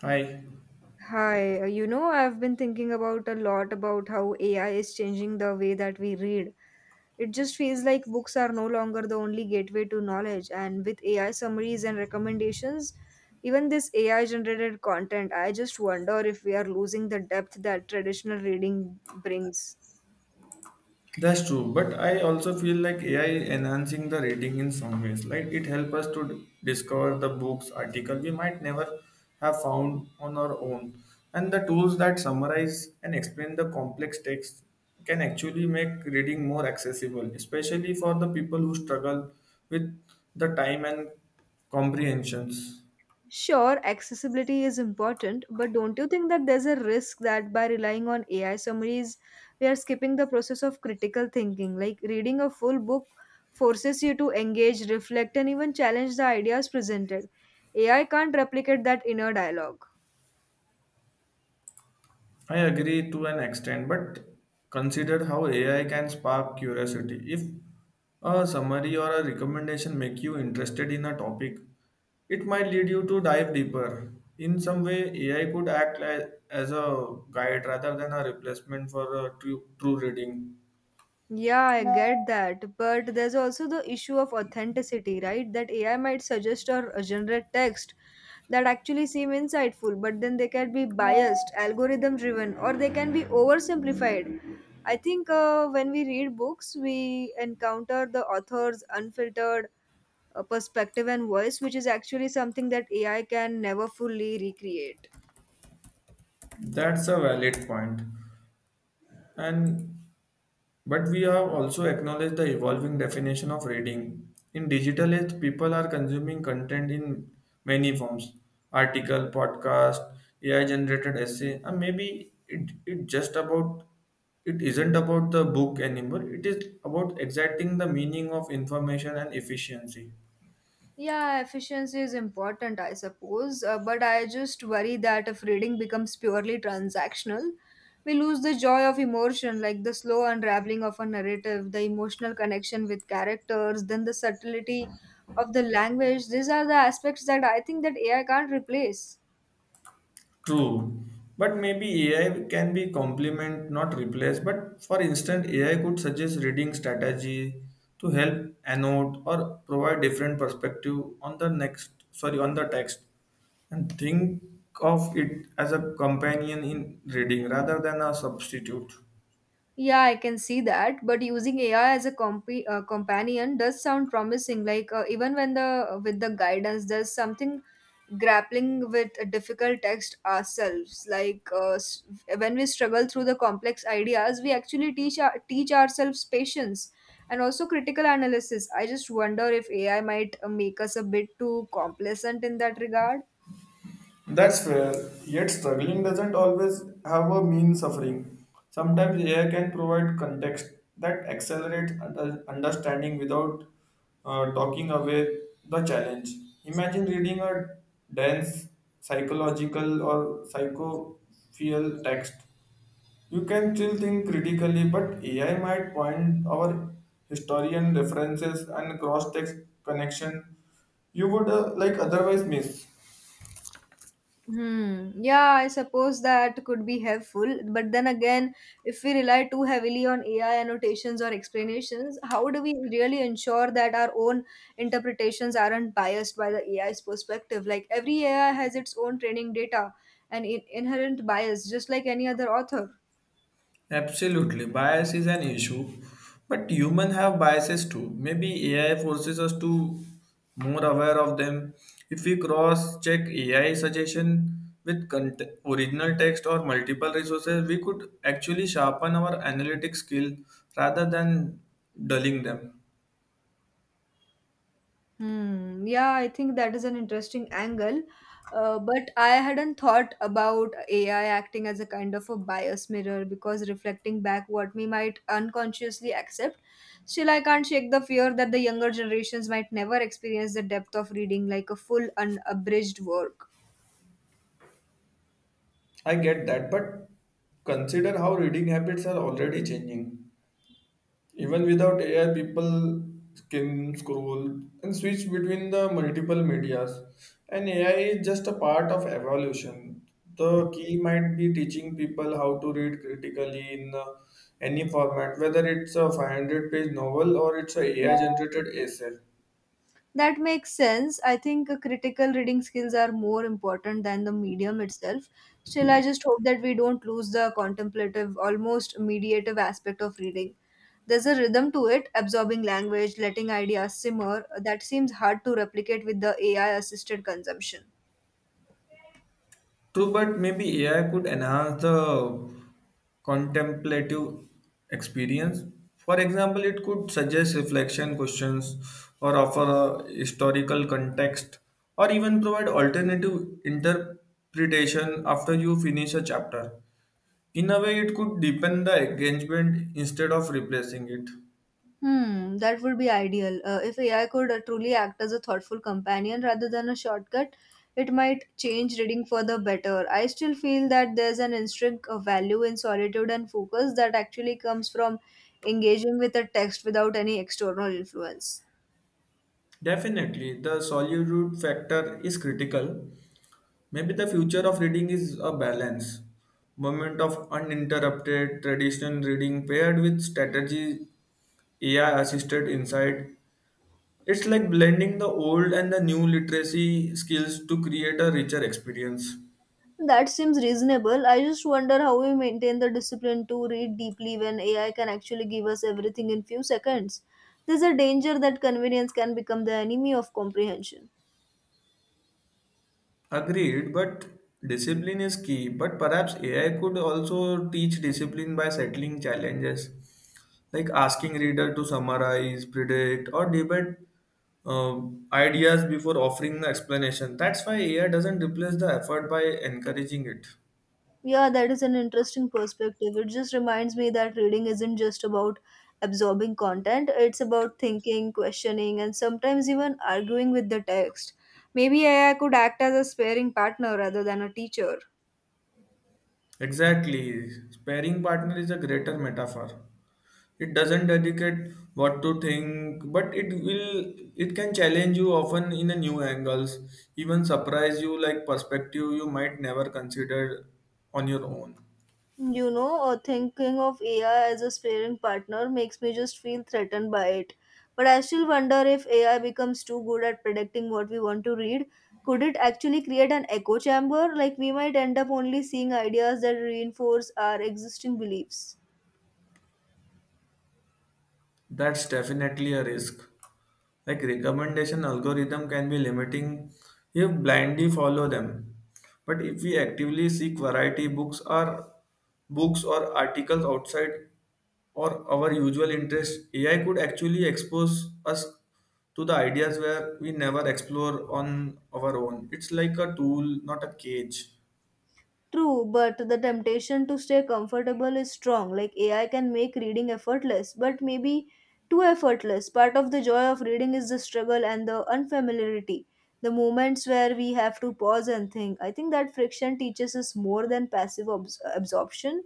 Hi, I've been thinking about a lot about how AI is changing the way that we read. It just feels like books are no longer the only gateway to knowledge, and with AI summaries and recommendations, even this AI generated content, I just wonder if we are losing the depth that traditional reading brings. that's true. But I also feel like AI enhancing the reading in some ways. Like it helps us to discover the books, article we might never have found on our own. And the tools that summarize and explain the complex text can actually make reading more accessible, especially for the people who struggle with the time and comprehensions. Sure, accessibility is important, but don't you think that there's a risk that by relying on AI summaries, we are skipping the process of critical thinking? Like reading a full book forces you to engage, reflect, and even challenge the ideas presented. AI can't replicate that inner dialogue. I agree to an extent, but consider how AI can spark curiosity. If a summary or a recommendation make you interested in a topic, it might lead you to dive deeper. In some way, AI could act as a guide rather than a replacement for a true reading. Yeah, I get that. But there's also the issue of authenticity, right? That AI might suggest or generate text that actually seem insightful, but then they can be biased, algorithm driven, or they can be oversimplified. I think when we read books, we encounter the author's unfiltered perspective and voice, which is actually something that AI can never fully recreate. That's a valid point. And But we have also acknowledged the evolving definition of reading. In digital age, people are consuming content in many forms article, podcast, AI generated essay, and maybe it isn't about the book anymore. It is about exacting the meaning of information and efficiency. Yeah, efficiency is important, I suppose, but I just worry that if reading becomes purely transactional, we lose the joy of emotion, like the slow unraveling of a narrative, the emotional connection with characters, then the subtlety of the language. These are the aspects that I think that AI can't replace. True, but maybe AI can be complement, not replace. But for instance, AI could suggest reading strategy to help annotate or provide different perspective on the text, and think of it as a companion in reading rather than a substitute. Yeah, I can see that. But using AI as a companion does sound promising. Like even when the with the guidance, there's something grappling with a difficult text ourselves. Like when we struggle through the complex ideas, we actually teach ourselves patience and also critical analysis. I just wonder if AI might make us a bit too complacent in that regard. That's fair, yet struggling doesn't always have a mean suffering. Sometimes AI can provide context that accelerates understanding without talking away the challenge. Imagine reading a dense psychological or psychophiel text. You can still think critically, but AI might point our historian references and cross text connection you would like otherwise miss. Hmm. Yeah, I suppose that could be helpful. But then again, if we rely too heavily on AI annotations or explanations, how do we really ensure that our own interpretations aren't biased by the AI's perspective? Like every AI has its own training data and inherent bias, just like any other author. Absolutely, bias is an issue, but humans have biases too. Maybe AI forces us to more aware of them. If we cross-check AI suggestion with original text or multiple resources, we could actually sharpen our analytic skill rather than dulling them. Hmm. Yeah, I think that is an interesting angle. But I hadn't thought about AI acting as a kind of a bias mirror because reflecting back what we might unconsciously accept, still, I can't shake the fear that the younger generations might never experience the depth of reading like a full unabridged work. I get that, but consider how reading habits are already changing. Even without AI, people can scroll and switch between the multiple medias. And AI is just a part of evolution. The key might be teaching people how to read critically in any format, whether it's a 500-page novel or it's a AI generated essay. That makes sense. I think critical reading skills are more important than the medium itself. Still, I just hope that we don't lose the contemplative, almost mediative aspect of reading. There's a rhythm to it, absorbing language, letting ideas simmer, that seems hard to replicate with the AI assisted consumption. True, but maybe AI could enhance the contemplative experience. For example, it could suggest reflection questions or offer a historical context or even provide alternative interpretation after you finish a chapter. In a way, it could deepen the engagement instead of replacing it. Hmm, that would be ideal. If AI could truly act as a thoughtful companion rather than a shortcut, it might change reading for the better. I still feel that there's an intrinsic value in solitude and focus that actually comes from engaging with a text without any external influence. Definitely, the solitude factor is critical. Maybe the future of reading is a balance, moment of uninterrupted traditional reading paired with strategy AI assisted insight. It's like blending the old and the new literacy skills to create a richer experience. That seems reasonable. I just wonder how we maintain the discipline to read deeply when AI can actually give us everything in few seconds. There's a danger that convenience can become the enemy of comprehension. Agreed, but discipline is key. But perhaps AI could also teach discipline by settling challenges, like asking reader to summarize, predict, or debate uh, ideas before offering the explanation. That's why AI doesn't replace the effort by encouraging it. Yeah, that is an interesting perspective. It just reminds me that reading isn't just about absorbing content, it's about thinking, questioning, and sometimes even arguing with the text. Maybe AI could act as a sparring partner rather than a teacher. Exactly. Sparring partner is a greater metaphor. It doesn't educate what to think, but it can challenge you often in a new angles, even surprise you like perspective you might never consider on your own. Thinking of AI as a sparring partner makes me just feel threatened by it. But I still wonder if AI becomes too good at predicting what we want to read, could it actually create an echo chamber? Like we might end up only seeing ideas that reinforce our existing beliefs. That's definitely a risk. Like recommendation algorithm can be limiting if blindly follow them. But if we actively seek variety books or articles outside or our usual interest, AI could actually expose us to the ideas where we never explore on our own. It's like a tool, not a cage. True, but the temptation to stay comfortable is strong. Like AI can make reading effortless, but maybe too effortless. Part of the joy of reading is the struggle and the unfamiliarity, the moments where we have to pause and think. I think that friction teaches us more than passive absorption.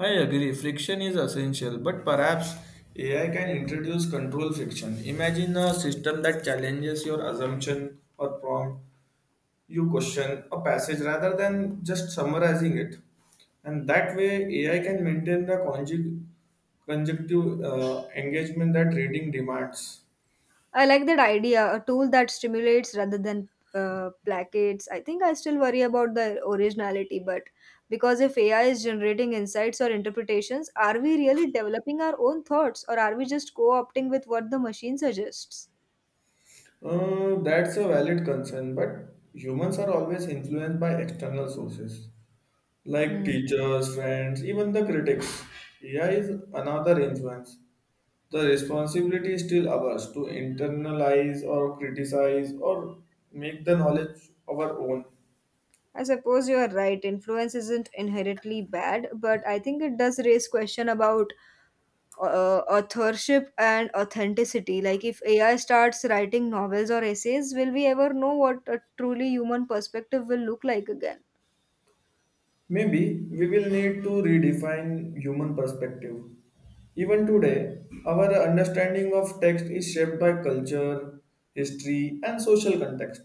I agree, friction is essential, but perhaps AI can introduce control friction. Imagine a system that challenges your assumption or prompt you question a passage rather than just summarizing it, and that way AI can maintain the conjunctive engagement that reading demands. I like that idea, a tool that stimulates rather than placates. I think I still worry about the originality, but because if AI is generating insights or interpretations, are we really developing our own thoughts or are we just co opting with what the machine suggests? That's a valid concern, but humans are always influenced by external sources like Hmm. teachers, friends, even the critics. AI is another influence. The responsibility is still ours to internalize or criticize or make the knowledge our own. I suppose you are right. Influence isn't inherently bad, but I think it does raise question about authorship and authenticity. Like, if AI starts writing novels or essays, will we ever know what a truly human perspective will look like again? Maybe we will need to redefine human perspective. Even today, our understanding of text is shaped by culture, history, and social context.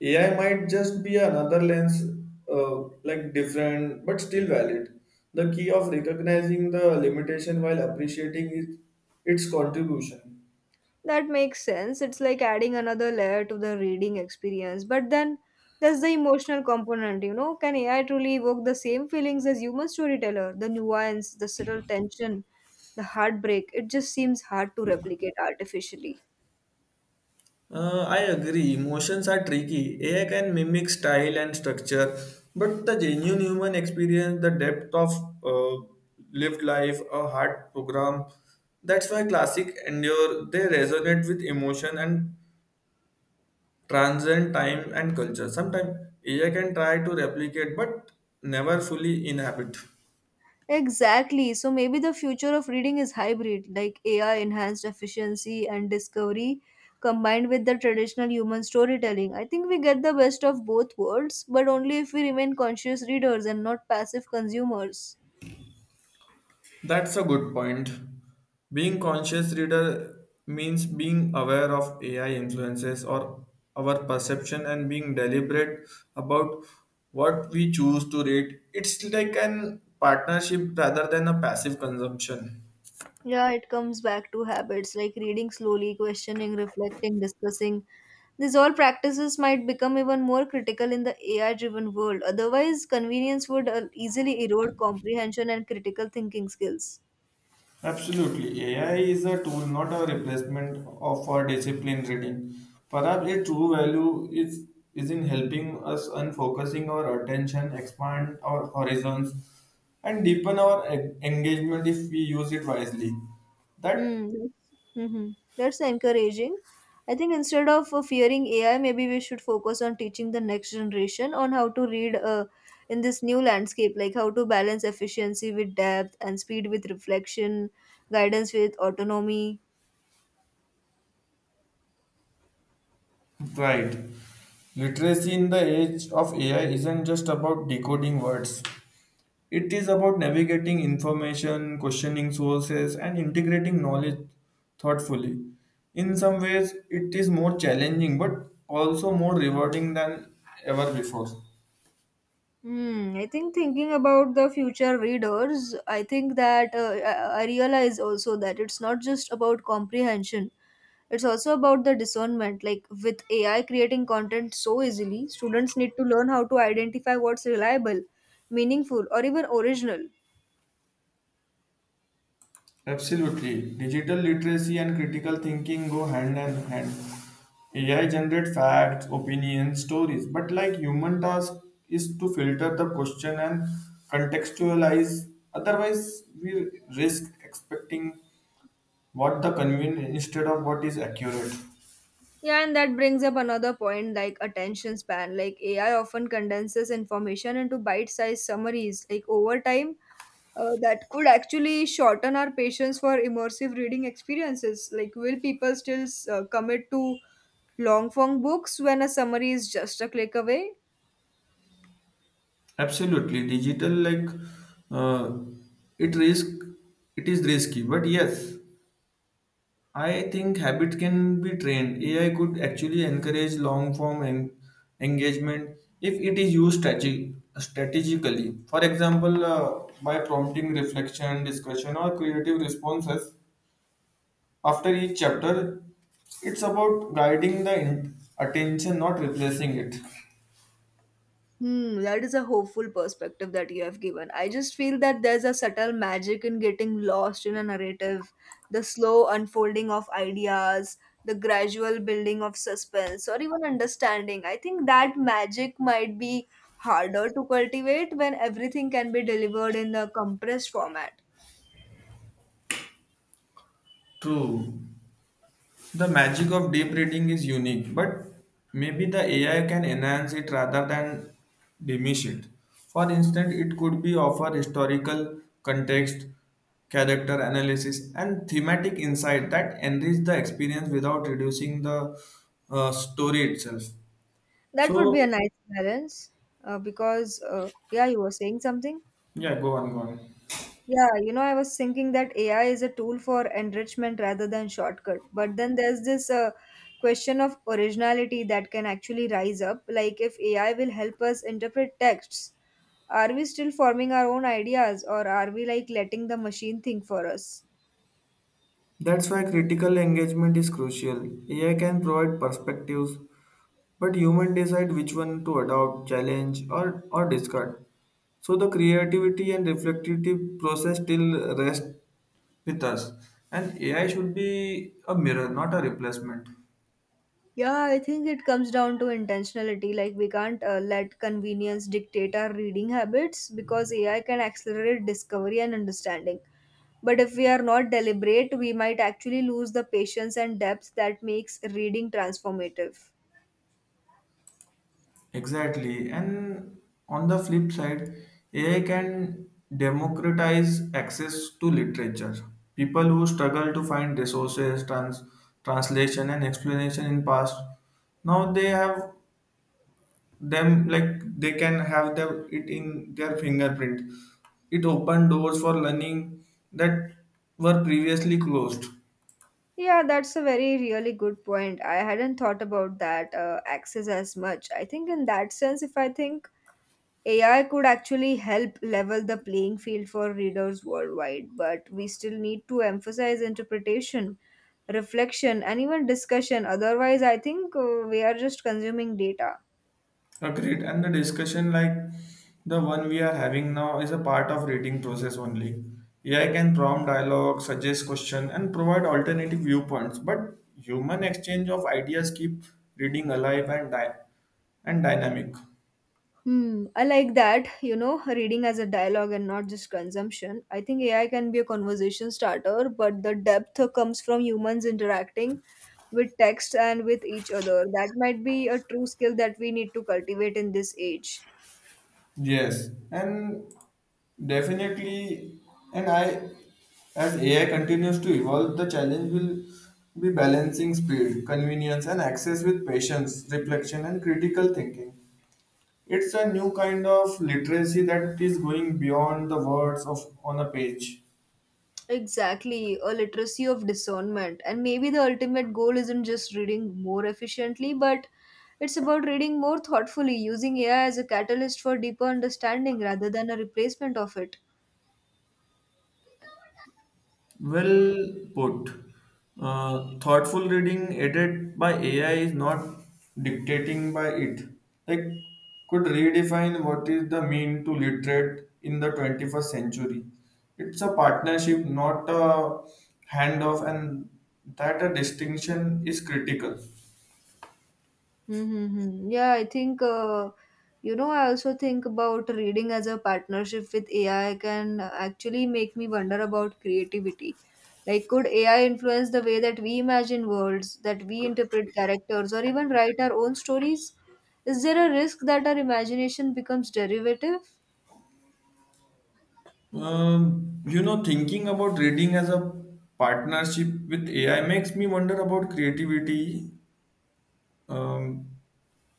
AI might just be another lens, like different but still valid. The key of recognizing the limitation while appreciating it, its contribution. That makes sense. It's like adding another layer to the reading experience. But then there's the emotional component, you know. Can AI truly evoke the same feelings as human storyteller? The nuance, the subtle tension, the heartbreak. It just seems hard to replicate artificially. I agree. Emotions are tricky. AI can mimic style and structure, but the genuine human experience, the depth of uh, lived life, a hard program, that's why classic endure. They resonate with emotion and transcend time and culture. Sometimes AI can try to replicate, but never fully inhabit. Exactly. So maybe the future of reading is hybrid, like AI enhanced efficiency and discovery combined with the traditional human storytelling. I think we get the best of both worlds, but only if we remain conscious readers and not passive consumers. That's a good point. Being conscious reader means being aware of AI influences or our perception and being deliberate about what we choose to read. It's like an partnership rather than a passive consumption. Yeah, it comes back to habits like reading slowly, questioning, reflecting, discussing. These all practices might become even more critical in the AI driven world. Otherwise, convenience would easily erode comprehension and critical thinking skills. Absolutely. AI is a tool, not a replacement of our disciplined reading. Perhaps its true value is in helping us unfocusing our attention, expand our horizons, and deepen our engagement if we use it wisely. That Mm, mhm. That's encouraging. I think instead of fearing AI, maybe we should focus on teaching the next generation on how to read in this new landscape, like how to balance efficiency with depth and speed with reflection, guidance with autonomy. Right. Literacy in the age of AI isn't just about decoding words. It is about navigating information, questioning sources, and integrating knowledge thoughtfully. In some ways, it is more challenging but also more rewarding than ever before. Hmm. I think thinking about the future readers, I think that I realize also that it's not just about comprehension. It's also about the discernment. Like with AI creating content so easily, students need to learn how to identify what's reliable, meaningful, or even original. Absolutely. Digital literacy and critical thinking go hand in hand. AI generates facts, opinions, stories, but like human task is to filter the question and contextualize. Otherwise, we risk expecting what the convenient instead of what is accurate. Yeah, and that brings up another point like attention span. Like AI often condenses information into bite sized summaries. Like over time, that could actually shorten our patience for immersive reading experiences. Like, will people still commit to long form books when a summary is just a click away? Absolutely, digital like uh, it risk it is risky, but yes, I think habit can be trained. AI could actually encourage long form engagement if it is used strategically. For example, by prompting reflection, discussion, or creative responses after each chapter. It's about guiding the attention, not replacing it. Hmm, that is a hopeful perspective that you have given. I just feel that there's a subtle magic in getting lost in a narrative, the slow unfolding of ideas, the gradual building of suspense, or even understanding. I think that magic might be harder to cultivate when everything can be delivered in a compressed format. True. The magic of deep reading is unique, but maybe the AI can enhance it rather than diminish it. For instance, it could be offer historical context, character analysis, and thematic insight that enrich the experience without reducing the story itself. That would be a So, nice balance, because, yeah, you were saying something. yeah, go on, go on. I was thinking that AI is a tool for enrichment rather than shortcut. But then there's this question of originality that can actually rise up. Like, if AI will help us interpret texts, are we still forming our own ideas or are we like letting the machine think for us? That's why critical engagement is crucial. AI can provide perspectives, but humans decide which one to adopt, challenge, or discard. So the creativity and reflective process still rest with us. And AI should be a mirror, not a replacement. Yeah, I think it comes down to intentionality. Like, we can't let convenience dictate our reading habits because AI can accelerate discovery and understanding. But if we are not deliberate, we might actually lose the patience and depth that makes reading transformative. Exactly. And on the flip side, AI can democratize access to literature. People who struggle to find resources, translation, and explanation in past, now they have them like they can have it in their fingerprint, it opened doors for learning that were previously closed. Yeah, that's a very, really good point. I hadn't thought about that access as much. I think, in that sense, if I think AI could actually help level the playing field for readers worldwide, but we still need to emphasize interpretation, reflection, and even discussion. Otherwise, I think we are just consuming data. Agreed, and the discussion like the one we are having now is a part of reading process only. AI can prompt dialogue, suggest question, and provide alternative viewpoints, but human exchange of ideas keep reading alive and dynamic. Hmm, I like that, you know, reading as a dialogue and not just consumption. I think AI can be a conversation starter, but the depth comes from humans interacting with text and with each other. That might be a true skill that we need to cultivate in this age. Yes, and definitely, and I, as AI continues to evolve, the challenge will be balancing speed, convenience, and access with patience, reflection, and critical thinking. It's a new kind of literacy that is going beyond the words of on a page. Exactly, a literacy of discernment. And maybe the ultimate goal isn't just reading more efficiently, but it's about reading more thoughtfully, using AI as a catalyst for deeper understanding rather than a replacement of it. Well put. Thoughtful reading aided by AI is not dictating by it. Like, could redefine what is the mean to literate in the 21st century. It's a partnership, not a handoff, and that a distinction is critical. Mm-hmm. I also think about reading as a partnership with AI can actually make me wonder about creativity. Like, could AI influence the way that we imagine worlds, that we interpret characters, or even write our own stories? Is there a risk that our imagination becomes derivative? Thinking about reading as a partnership with AI makes me wonder about creativity. Um,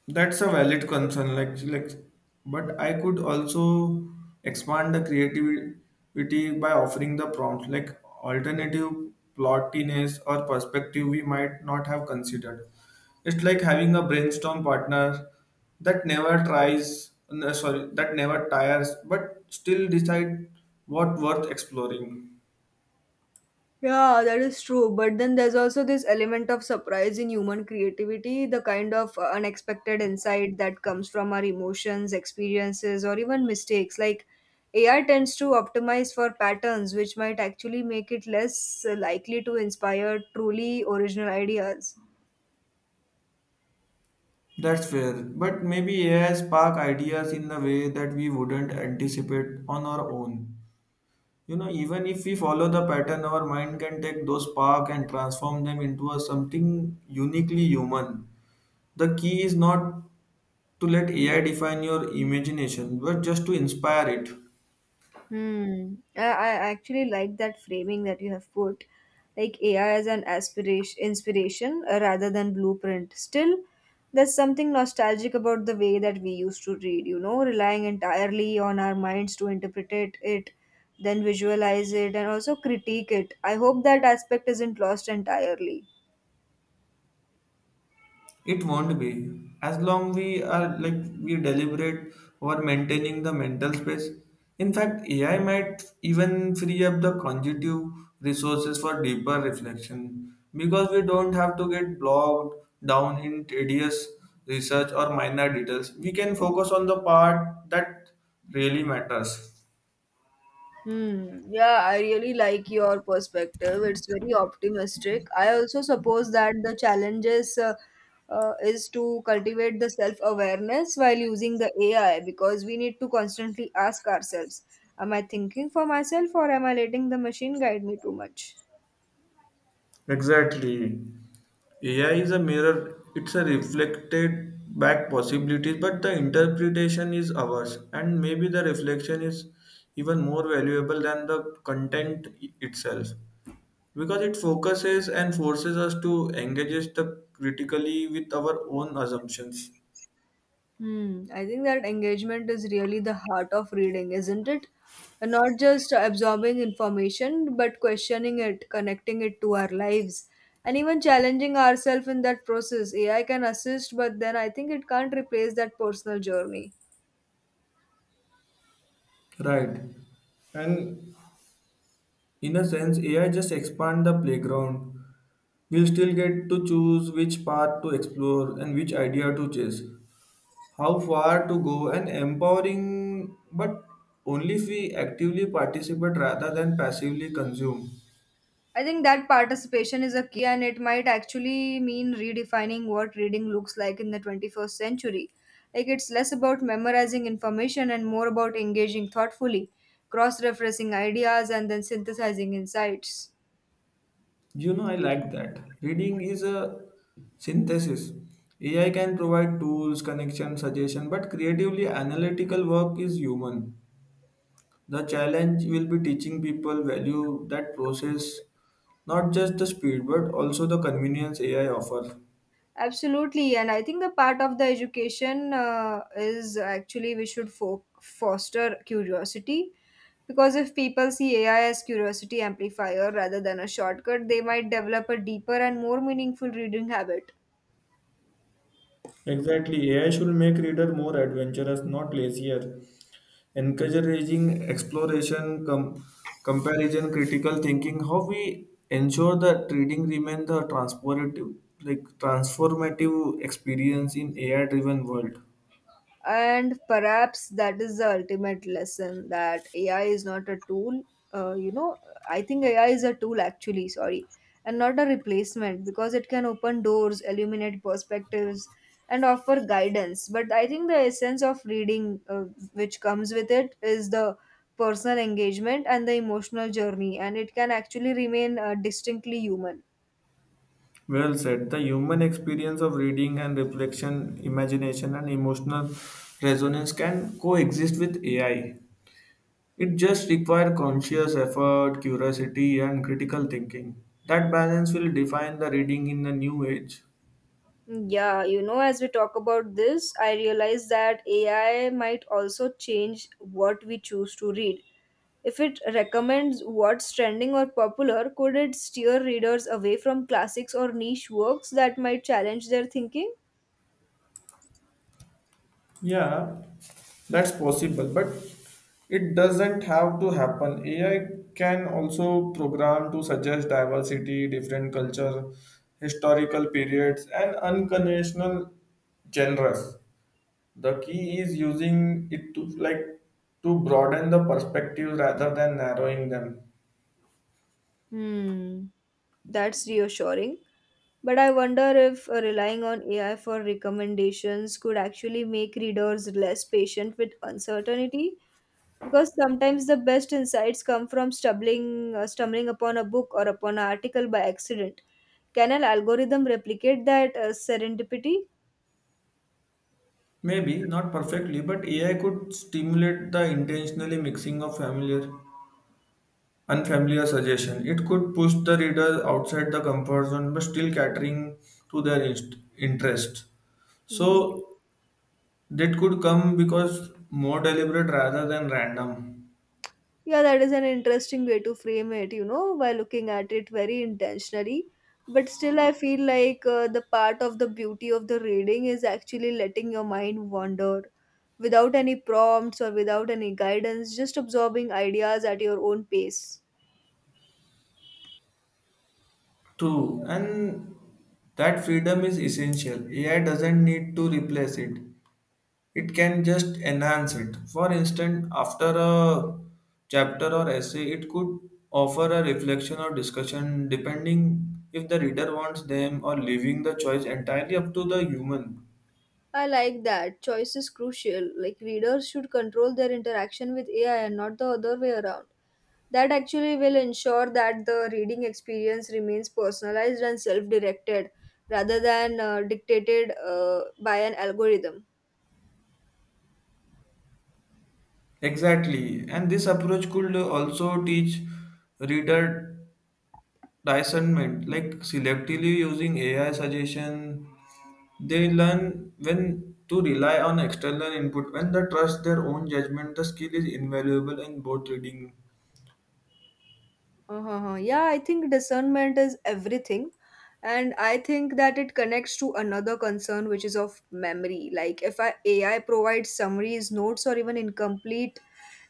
That's a valid concern, but I could also expand the creativity by offering the prompt, like alternative plottiness or perspective we might not have considered. It's like having a brainstorm partner that never tries, no, sorry, that never tires, but still decide what worth exploring. Yeah, that is true. But then there's also this element of surprise in human creativity, the kind of unexpected insight that comes from our emotions, experiences, or even mistakes. Like AI tends to optimize for patterns, which might actually make it less likely to inspire truly original ideas. That's fair, but maybe AI spark ideas in a way that we wouldn't anticipate on our own. You know, even if we follow the pattern, our mind can take those spark and transform them into a something uniquely human. The key is not to let AI define your imagination, but just to inspire it. Hmm. I actually like that framing that you have put, like AI as an inspiration rather than blueprint. Still, there's something nostalgic about the way that we used to read. You know, relying entirely on our minds to then visualize it, and also critique it. I hope that aspect isn't lost entirely. It won't be. As long we are like we deliberate over maintaining the mental space. In fact, AI might even free up the cognitive resources for deeper reflection because we don't have to get bogged down in tedious research or minor details. We can focus on the part that really matters. Hmm. Yeah, I really like your perspective. It's very optimistic. I also suppose that the challenges is to cultivate the self-awareness while using the AI, because we need to constantly ask ourselves, am I thinking for myself or am I letting the machine guide me too much? Exactly. AI is a mirror, it's a reflected back possibilities, but the interpretation is ours, and maybe the reflection is even more valuable than the content itself because it focuses and forces us to engage the critically with our own assumptions. Hmm. I think that engagement is really the heart of reading, isn't it? And not just absorbing information, but questioning it, connecting it to our lives, and even challenging ourselves in that process. AI can assist, but then I think it can't replace that personal journey. Right. And in a sense, AI just expand the playground. We'll still get to choose which path to explore and which idea to chase, how far to go and empowering, but only if we actively participate rather than passively consume. I think that participation is a key, and it might actually mean redefining what reading looks like in the 21st century. Like, it's less about memorizing information and more about engaging thoughtfully, cross referencing ideas, and then synthesizing insights. You know, I like that. Reading is a synthesis. AI can provide tools, connection, suggestion, but creatively analytical work is human. The challenge will be teaching people value that process, not just the speed, but also the convenience AI offers. Absolutely, and I think a part of the education is actually we should foster curiosity, because if people see AI as curiosity amplifier rather than a shortcut, they might develop a deeper and more meaningful reading habit. Exactly, AI should make reader more adventurous, not lazier. Encouraging exploration, comparison, critical thinking, how we ensure that reading remains the transformative experience in AI-driven world. And perhaps that is the ultimate lesson, that AI is not a tool, uh, you know I think AI is a tool, actually. Sorry. And not a replacement, because it can open doors, illuminate perspectives, and offer guidance. But I think the essence of reading, which comes with it, is the personal engagement and the emotional journey, and it can actually remain distinctly human. Well said. The human experience of reading and reflection, imagination, and emotional resonance can coexist with AI. It just requires conscious effort, curiosity, and critical thinking. That balance will define the reading in the new age. Yeah, you know, as we talk about this, I realize that AI might also change what we choose to read. If it recommends what's trending or popular, could it steer readers away from classics or niche works that might challenge their thinking? Yeah, that's possible, but it doesn't have to happen. AI can also program to suggest diversity, different culture, historical periods, and unconventional genres. The key is using it to like to broaden the perspective rather than narrowing them. Hmm, that's reassuring. But I wonder if relying on AI for recommendations could actually make readers less patient with uncertainty, because sometimes the best insights come from stumbling upon a book or upon an article by accident. Can an algorithm replicate that serendipity? Maybe not perfectly, but AI could stimulate the intentionally mixing of familiar unfamiliar suggestion. It could push the reader outside the comfort zone, but still catering to their interest. Hmm, So that could come because more deliberate rather than random. yeah, that is an interesting way to frame it, you know, by looking at it very intentionally. But still, I feel like the part of the beauty of the reading is actually letting your mind wander without any prompts or without any guidance, just absorbing ideas at your own pace. True, and that freedom is essential. AI doesn't need to replace it. It can just enhance it. For instance, after a chapter or essay, it could offer a reflection or discussion, depending if the reader wants them, or leaving the choice entirely up to the human. I like that. Choice is crucial. Like, readers should control their interaction with AI and not the other way around. That actually will ensure that the reading experience remains personalized and self directed rather than dictated by an algorithm. Exactly, and this approach could also teach reader discernment, like selectively using AI suggestion they learn when to rely on external input, when they trust their own judgment. The skill is invaluable in both reading. Uh-huh. Yeah, I think discernment is everything. And I think that it connects to another concern, which is of memory. Like, if I, AI provides summaries, notes, or even incomplete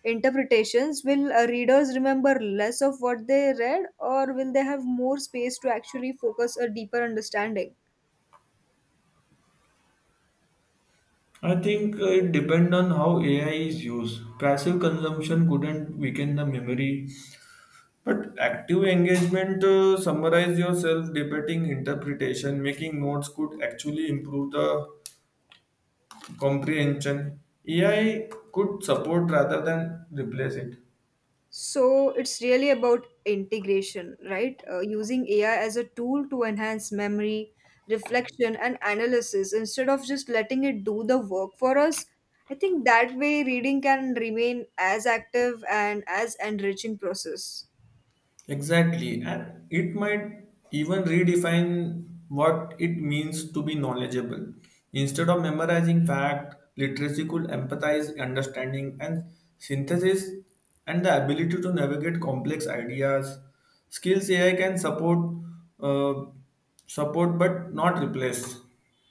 interpretations, will readers remember less of what they read, or will they have more space to actually focus a deeper understanding? I think it depends on how AI is used. Passive consumption couldn't weaken the memory, but active engagement, summarize yourself, debating interpretation, making notes could actually improve the comprehension. AI could support rather than replace it. So it's really about integration, right? Using AI as a tool to enhance memory, reflection, and analysis instead of just letting it do the work for us. I think that way reading can remain as active and as enriching process. Exactly. And it might even redefine what it means to be knowledgeable. Instead of memorizing fact, literacy could empathize, understanding, and synthesis, and the ability to navigate complex ideas. Skills AI can uh, support but not replace.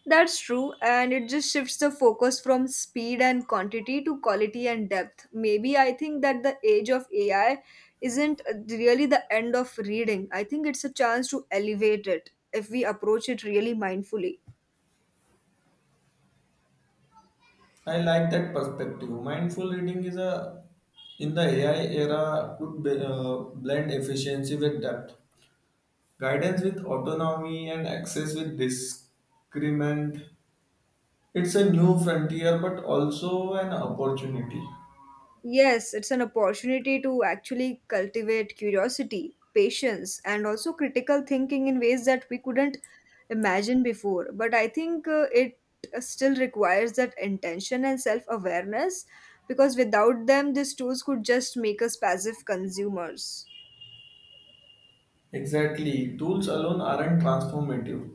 That's true, and it just shifts the focus from speed and quantity to quality and depth. Maybe I think that the age of AI isn't really the end of reading. I think it's a chance to elevate it if we approach it really mindfully. I like that perspective. Mindful reading is a in the AI era could be, blend efficiency with depth, guidance with autonomy, and access with discrement. It's a new frontier, but also an opportunity. Yes, it's an opportunity to actually cultivate curiosity, patience, and also critical thinking in ways that we couldn't imagine before. But I think it still requires that intention and self awareness, because without them, these tools could just make us passive consumers. Exactly. Tools alone aren't transformative.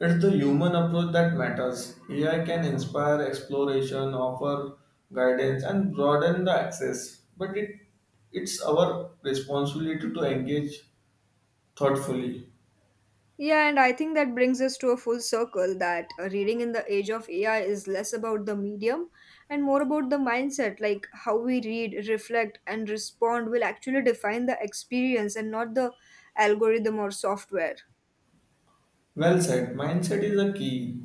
It's the human approach that matters. AI can inspire exploration, offer guidance, and broaden the access, but it's our responsibility to engage thoughtfully. Yeah, and I think that brings us to a full circle, that reading in the age of AI is less about the medium and more about the mindset. Like, how we read, reflect, and respond will actually define the experience, and not the algorithm or software. Well said. Mindset is a key,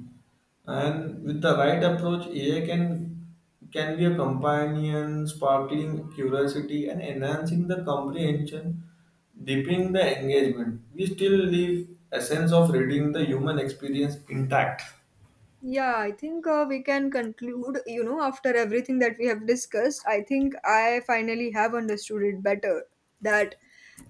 and with the right approach, AI can be a companion, sparkling curiosity and enhancing the comprehension, deepening the engagement. We still leave essence of reading the human experience intact. Yeah, I think we can conclude, you know, after everything that we have discussed, I think I finally have understood it better, that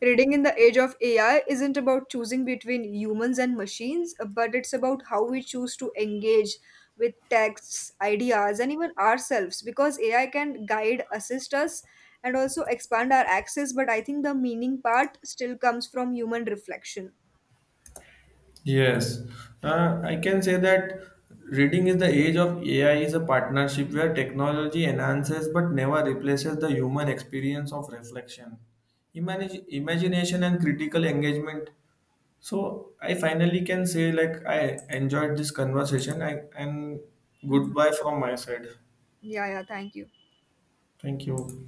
reading in the age of AI isn't about choosing between humans and machines, but it's about how we choose to engage with texts, ideas, and even ourselves, because AI can guide, assist us, and also expand our access. But I think the meaning part still comes from human reflection. Yes, I can say that reading is the age of AI is a partnership where technology enhances but never replaces the human experience of reflection, imagination, and critical engagement. So I finally can say like I enjoyed this conversation and Mhm. goodbye from my side. Yeah, yeah, thank you. Thank you.